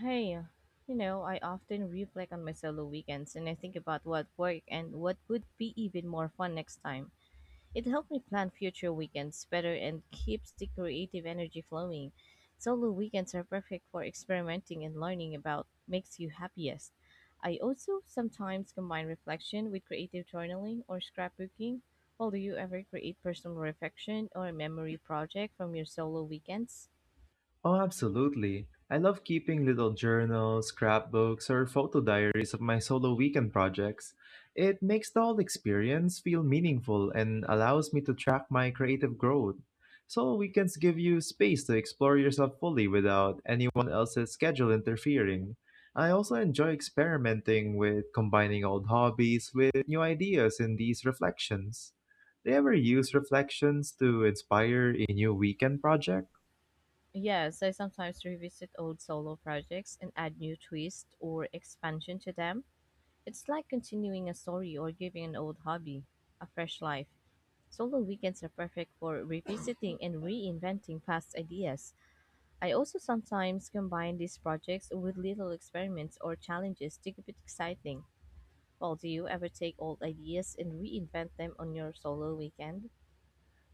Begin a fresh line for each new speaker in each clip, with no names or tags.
Hey, you know, I often reflect on my solo weekends and I think about what worked and what would be even more fun next time. It helped me plan future weekends better and keeps the creative energy flowing. Solo weekends are perfect for experimenting and learning about makes you happiest. I also sometimes combine reflection with creative journaling or scrapbooking. Well, do you ever create personal reflection or a memory project from your solo weekends?
Oh, absolutely. I love keeping little journals, scrapbooks, or photo diaries of my solo weekend projects. It makes the whole experience feel meaningful and allows me to track my creative growth. Solo weekends give you space to explore yourself fully without anyone else's schedule interfering. I also enjoy experimenting with combining old hobbies with new ideas in these reflections. Do you ever use reflections to inspire a new weekend project?
Yes, I sometimes revisit old solo projects and add new twist or expansion to them. It's like continuing a story or giving an old hobby a fresh life. Solo weekends are perfect for revisiting and reinventing past ideas. I also sometimes combine these projects with little experiments or challenges to keep it exciting. Well, do you ever take old ideas and reinvent them on your solo weekend?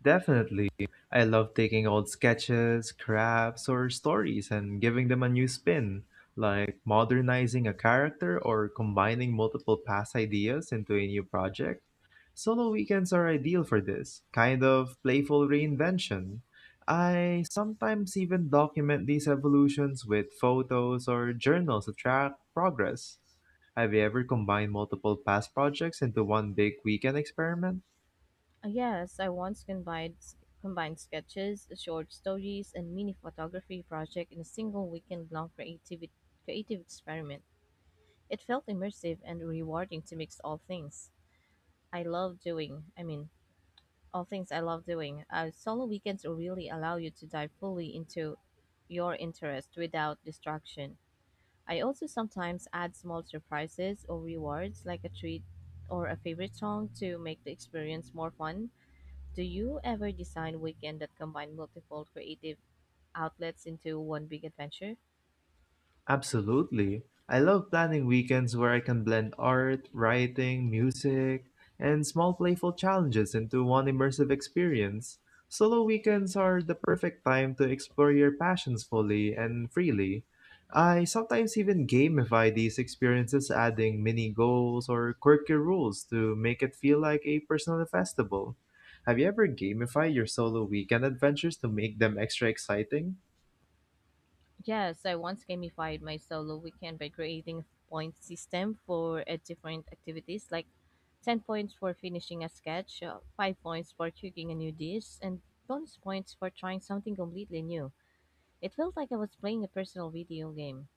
Definitely. I love taking old sketches, scraps, or stories and giving them a new spin, like modernizing a character or combining multiple past ideas into a new project. Solo weekends are ideal for this kind of playful reinvention. I sometimes even document these evolutions with photos or journals to track progress. Have you ever combined multiple past projects into one big weekend experiment?
Yes, I once combined sketches, short stories, and mini photography project in a single weekend-long creative experiment. It felt immersive and rewarding to mix all things I love doing. I mean, all things I love doing. Solo weekends really allow you to dive fully into your interest without distraction. I also sometimes add small surprises or rewards like a treat or a favorite song to make the experience more fun. Do you ever design weekend that combine multiple creative outlets into one big adventure?
Absolutely. I love planning weekends where I can blend art, writing, music, and small playful challenges into one immersive experience. Solo weekends are the perfect time to explore your passions fully and freely. I sometimes even gamify these experiences, adding mini goals or quirky rules to make it feel like a personal festival. Have you ever gamified your solo weekend adventures to make them extra exciting?
Yes, I once gamified my solo weekend by creating a point system for different activities like 10 points for finishing a sketch, 5 points for cooking a new dish, and bonus points for trying something completely new. It felt like I was playing a personal video game.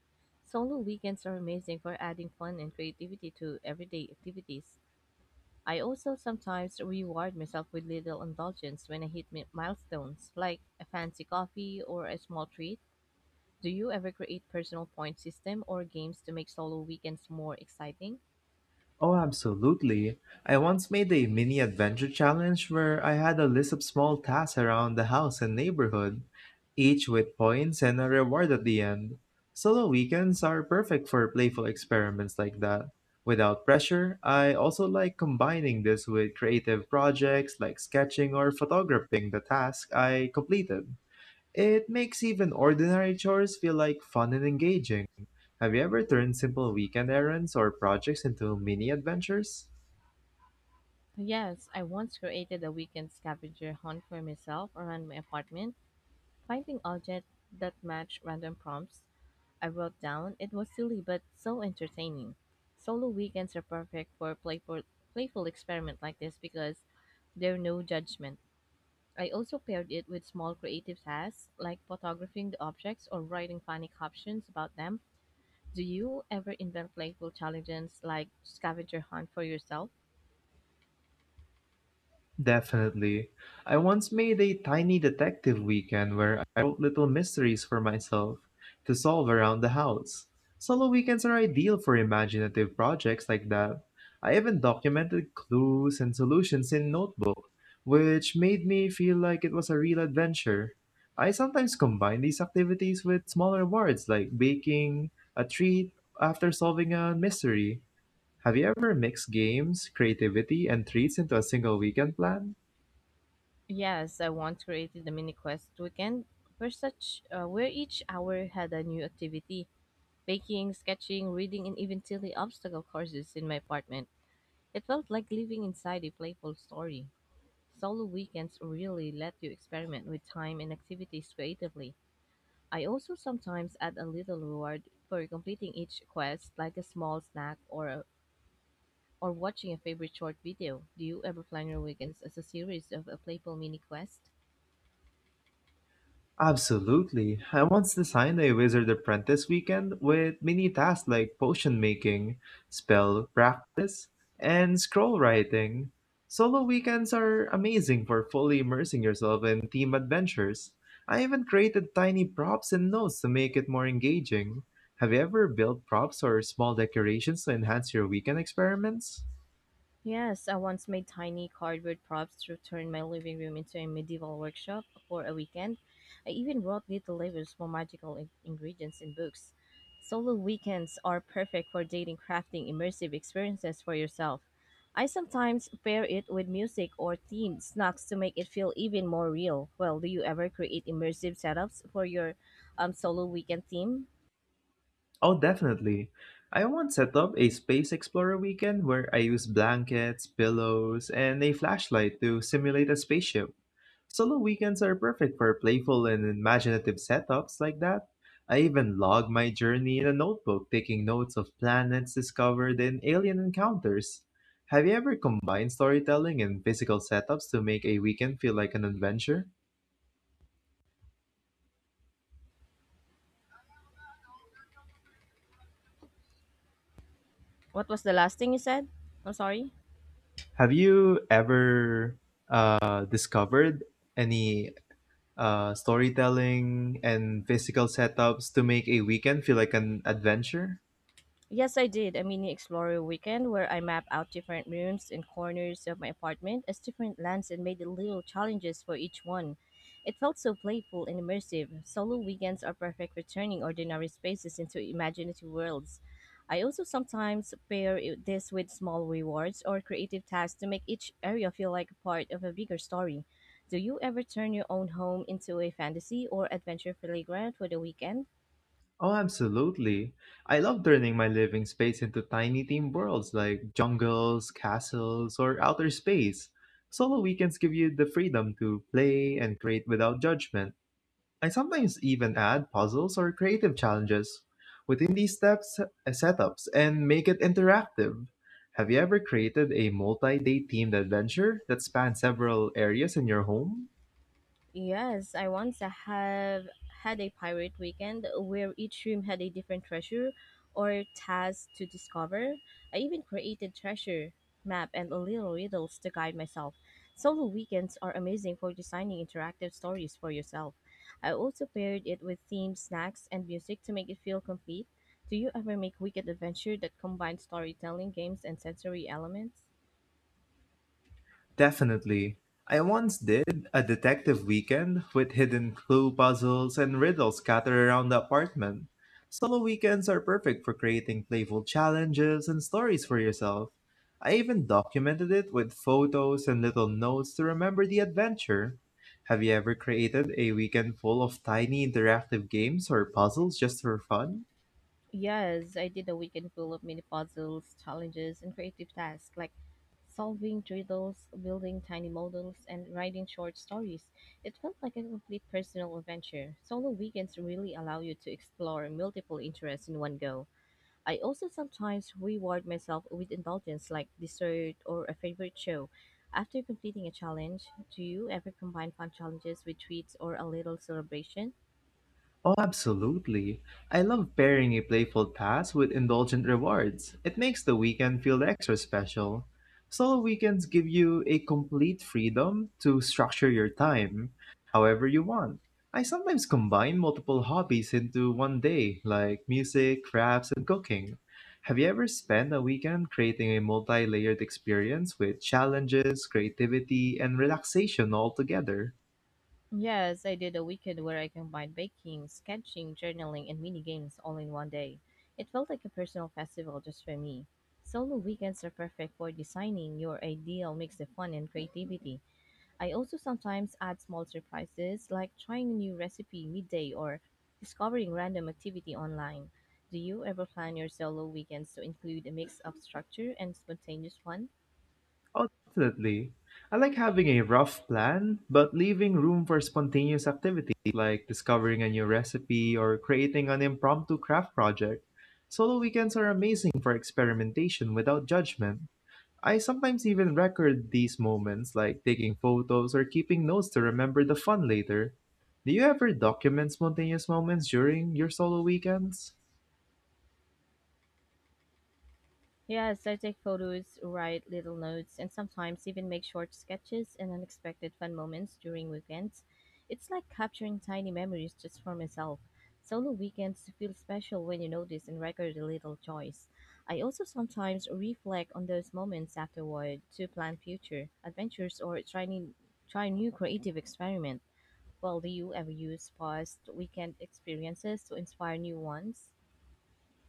Solo weekends are amazing for adding fun and creativity to everyday activities. I also sometimes reward myself with little indulgence when I hit milestones, like a fancy coffee or a small treat. Do you ever create personal point system or games to make solo weekends more exciting?
Oh, absolutely. I once made a mini adventure challenge where I had a list of small tasks around the house and neighborhood, each with points and a reward at the end. Solo weekends are perfect for playful experiments like that. Without pressure, I also like combining this with creative projects like sketching or photographing the task I completed. It makes even ordinary chores feel like fun and engaging. Have you ever turned simple weekend errands or projects into mini adventures?
Yes, I once created a weekend scavenger hunt for myself around my apartment, finding objects that match random prompts I wrote down. It was silly but so entertaining. Solo weekends are perfect for playful experiment like this because there are no judgment. I also paired it with small creative tasks like photographing the objects or writing funny captions about them. Do you ever invent playful challenges like scavenger hunt for yourself?
Definitely. I once made a tiny detective weekend where I wrote little mysteries for myself to solve around the house. Solo weekends are ideal for imaginative projects like that. I even documented clues and solutions in notebook, which made me feel like it was a real adventure. I sometimes combine these activities with smaller rewards like baking a treat after solving a mystery. Have you ever mixed games, creativity, and treats into a single weekend plan?
Yes, I once created a mini quest weekend where each hour had a new activity: baking, sketching, reading, and even silly obstacle courses in my apartment. It felt like living inside a playful story. Solo weekends really let you experiment with time and activities creatively. I also sometimes add a little reward for completing each quest, like a small snack or watching a favorite short video. Do you ever plan your weekends as a series of a playful mini quest?
Absolutely. I once designed a wizard apprentice weekend with mini tasks like potion making, spell practice, and scroll writing. Solo weekends are amazing for fully immersing yourself in team adventures. I even created tiny props and notes to make it more engaging. Have you ever built props or small decorations to enhance your weekend experiments?
Yes, I once made tiny cardboard props to turn my living room into a medieval workshop for a weekend. I even wrote little labels for magical ingredients in books. Solo weekends are perfect for dating crafting immersive experiences for yourself. I sometimes pair it with music or themed snacks to make it feel even more real. Well, do you ever create immersive setups for your solo weekend theme?
Oh, definitely. I once set up a space explorer weekend where I used blankets, pillows, and a flashlight to simulate a spaceship. Solo weekends are perfect for playful and imaginative setups like that. I even log my journey in a notebook, taking notes of planets discovered and alien encounters. Have you ever combined storytelling and physical setups to make a weekend feel like an adventure?
What was the last thing you said? I'm sorry.
Have you ever discovered any storytelling, and physical setups to make a weekend feel like an adventure?
Yes, I did a mini explorer weekend where I mapped out different rooms and corners of my apartment as different lands and made little challenges for each one. It felt so playful and immersive. Solo weekends are perfect for turning ordinary spaces into imaginative worlds. I also sometimes this with small rewards or creative tasks to make each area feel like a part of a bigger story. Do you ever turn your own home into a fantasy or adventure playground for the weekend?
Oh, absolutely. I love turning my living space into tiny theme worlds like jungles, castles, or outer space. Solo weekends give you the freedom to play and create without judgment. I sometimes even add puzzles or creative challenges within these steps setups and make it interactive. Have you ever created a multi-day themed adventure that spans several areas in your home?
Yes, I once have had a pirate weekend where each room had a different treasure or task to discover. I even created treasure map and little riddles to guide myself. Solo weekends are amazing for designing interactive stories for yourself. I also paired it with themed snacks and music to make it feel complete. Do you ever make weekend adventure that combines storytelling, games, and sensory elements?
Definitely. I once did a detective weekend with hidden clue puzzles and riddles scattered around the apartment. Solo weekends are perfect for creating playful challenges and stories for yourself. I even documented it with photos and little notes to remember the adventure. Have you ever created a weekend full of tiny interactive games or puzzles just for fun?
Yes, I did a weekend full of mini puzzles, challenges, and creative tasks like solving riddles, building tiny models, and writing short stories. It felt like a complete personal adventure. Solo weekends really allow you to explore multiple interests in one go. I also sometimes reward myself with indulgence like dessert or a favorite show. After completing a challenge, do you ever combine fun challenges with treats or a little celebration?
Oh, absolutely. I love pairing a playful task with indulgent rewards. It makes the weekend feel extra special. Solo weekends give you a complete freedom to structure your time however you want. I sometimes combine multiple hobbies into one day, like music, crafts, and cooking. Have you ever spent a weekend creating a multi layered experience with challenges, creativity, and relaxation all together?
Yes, I did a weekend where I combined baking, sketching, journaling, and mini games all in one day. It felt like a personal festival just for me. Solo weekends are perfect for designing your ideal mix of fun and creativity. I also sometimes add small surprises like trying a new recipe midday or discovering random activity online. Do you ever plan your solo weekends to include a mix of structure and spontaneous fun?
Ultimately, I like having a rough plan, but leaving room for spontaneous activities like discovering a new recipe or creating an impromptu craft project. Solo weekends are amazing for experimentation without judgment. I sometimes even record these moments like taking photos or keeping notes to remember the fun later. Do you ever document spontaneous moments during your solo weekends?
Yes, I take photos, write little notes, and sometimes even make short sketches and unexpected fun moments during weekends. It's like capturing tiny memories just for myself. Solo weekends feel special when you notice and record the little joys. I also sometimes reflect on those moments afterward to plan future adventures or try new creative experiment. Well, do you ever use past weekend experiences to inspire new ones?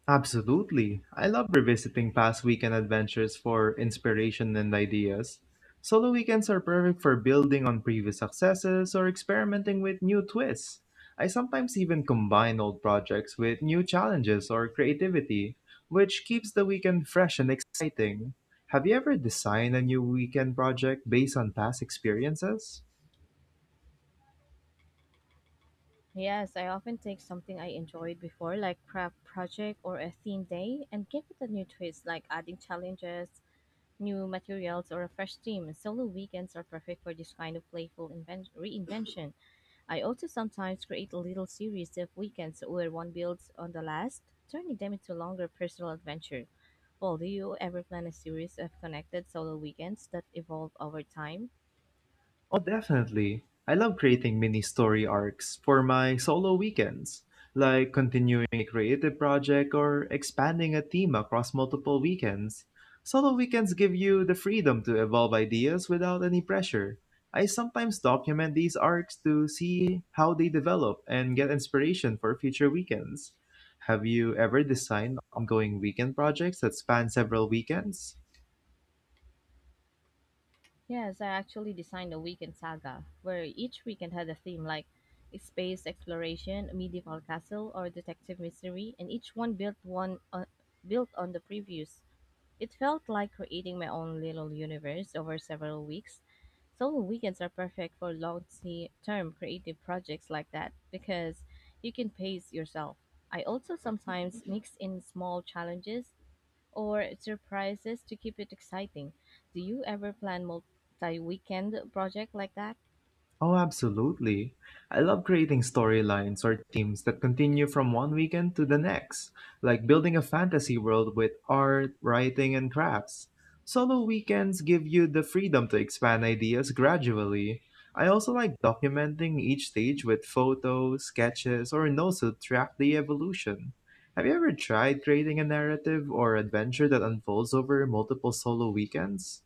Absolutely. I love revisiting past weekend adventures for inspiration and ideas. Solo weekends are perfect for building on previous successes or experimenting with new twists. I sometimes even combine old projects with new challenges or creativity, which keeps the weekend fresh and exciting. Have you ever designed a new weekend project based on past experiences?
Yes, I often take something I enjoyed before, like craft project or a theme day, and give it a new twist, like adding challenges, new materials, or a fresh theme. Solo weekends are perfect for this kind of playful reinvention. I also sometimes create a little series of weekends where one builds on the last, turning them into longer personal adventure. Well, do you ever plan a series of connected solo weekends that evolve over time?
Oh, definitely. I love creating mini story arcs for my solo weekends, like continuing a creative project or expanding a theme across multiple weekends. Solo weekends give you the freedom to evolve ideas without any pressure. I sometimes document these arcs to see how they develop and get inspiration for future weekends. Have you ever designed ongoing weekend projects that span several weekends?
Yes, I actually designed a weekend saga where each weekend had a theme like space exploration, medieval castle, or detective mystery, and each one built on the previous. It felt like creating my own little universe over several weeks. Solo weekends are perfect for long-term creative projects like that because you can pace yourself. I also sometimes mix in small challenges or surprises to keep it exciting. Do you ever plan multi-weekend project like that?
Oh, absolutely. I love creating storylines or themes that continue from one weekend to the next, like building a fantasy world with art, writing, and crafts. Solo weekends give you the freedom to expand ideas gradually. I also like documenting each stage with photos, sketches, or notes to track the evolution. Have you ever tried creating a narrative or adventure that unfolds over multiple solo weekends?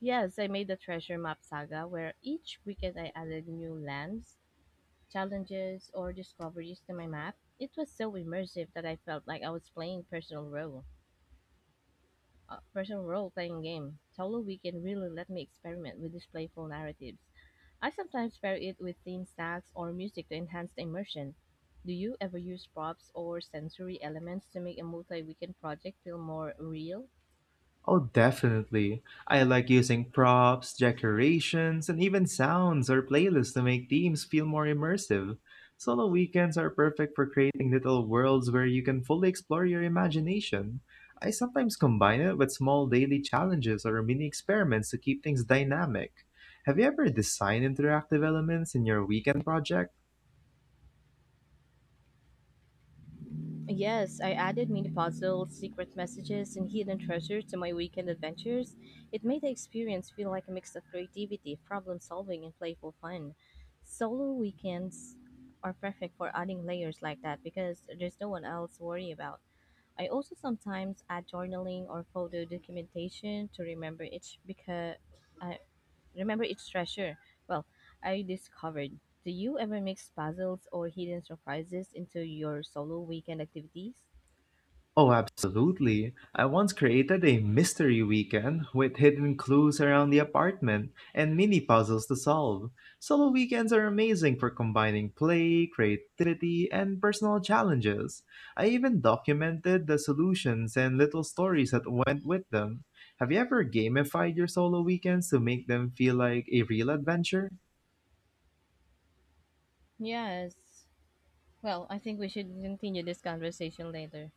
Yes, I made the treasure map saga where each weekend I added new lands, challenges, or discoveries to my map. It was so immersive that I felt like I was playing personal role. Person role playing game. Solo Weekend really let me experiment with these playful narratives. I sometimes pair it with theme stacks or music to enhance the immersion. Do you ever use props or sensory elements to make a multi weekend project feel more real?
Oh, definitely. I like using props, decorations, and even sounds or playlists to make themes feel more immersive. Solo weekends are perfect for creating little worlds where you can fully explore your imagination. I sometimes combine it with small daily challenges or mini experiments to keep things dynamic. Have you ever designed interactive elements in your weekend project?
Yes, I added mini puzzles, secret messages, and hidden treasure to my weekend adventures. It made the experience feel like a mix of creativity, problem solving, and playful fun. Solo weekends are perfect for adding layers like that because there's no one else to worry about. I also sometimes add journaling or photo documentation to I remember each treasure. Well, I discovered. Do you ever mix puzzles or hidden surprises into your solo weekend activities?
Oh, absolutely. I once created a mystery weekend with hidden clues around the apartment and mini puzzles to solve. Solo weekends are amazing for combining play, creativity, and personal challenges. I even documented the solutions and little stories that went with them. Have you ever gamified your solo weekends to make them feel like a real adventure?
Yes. Well, I think we should continue this conversation later.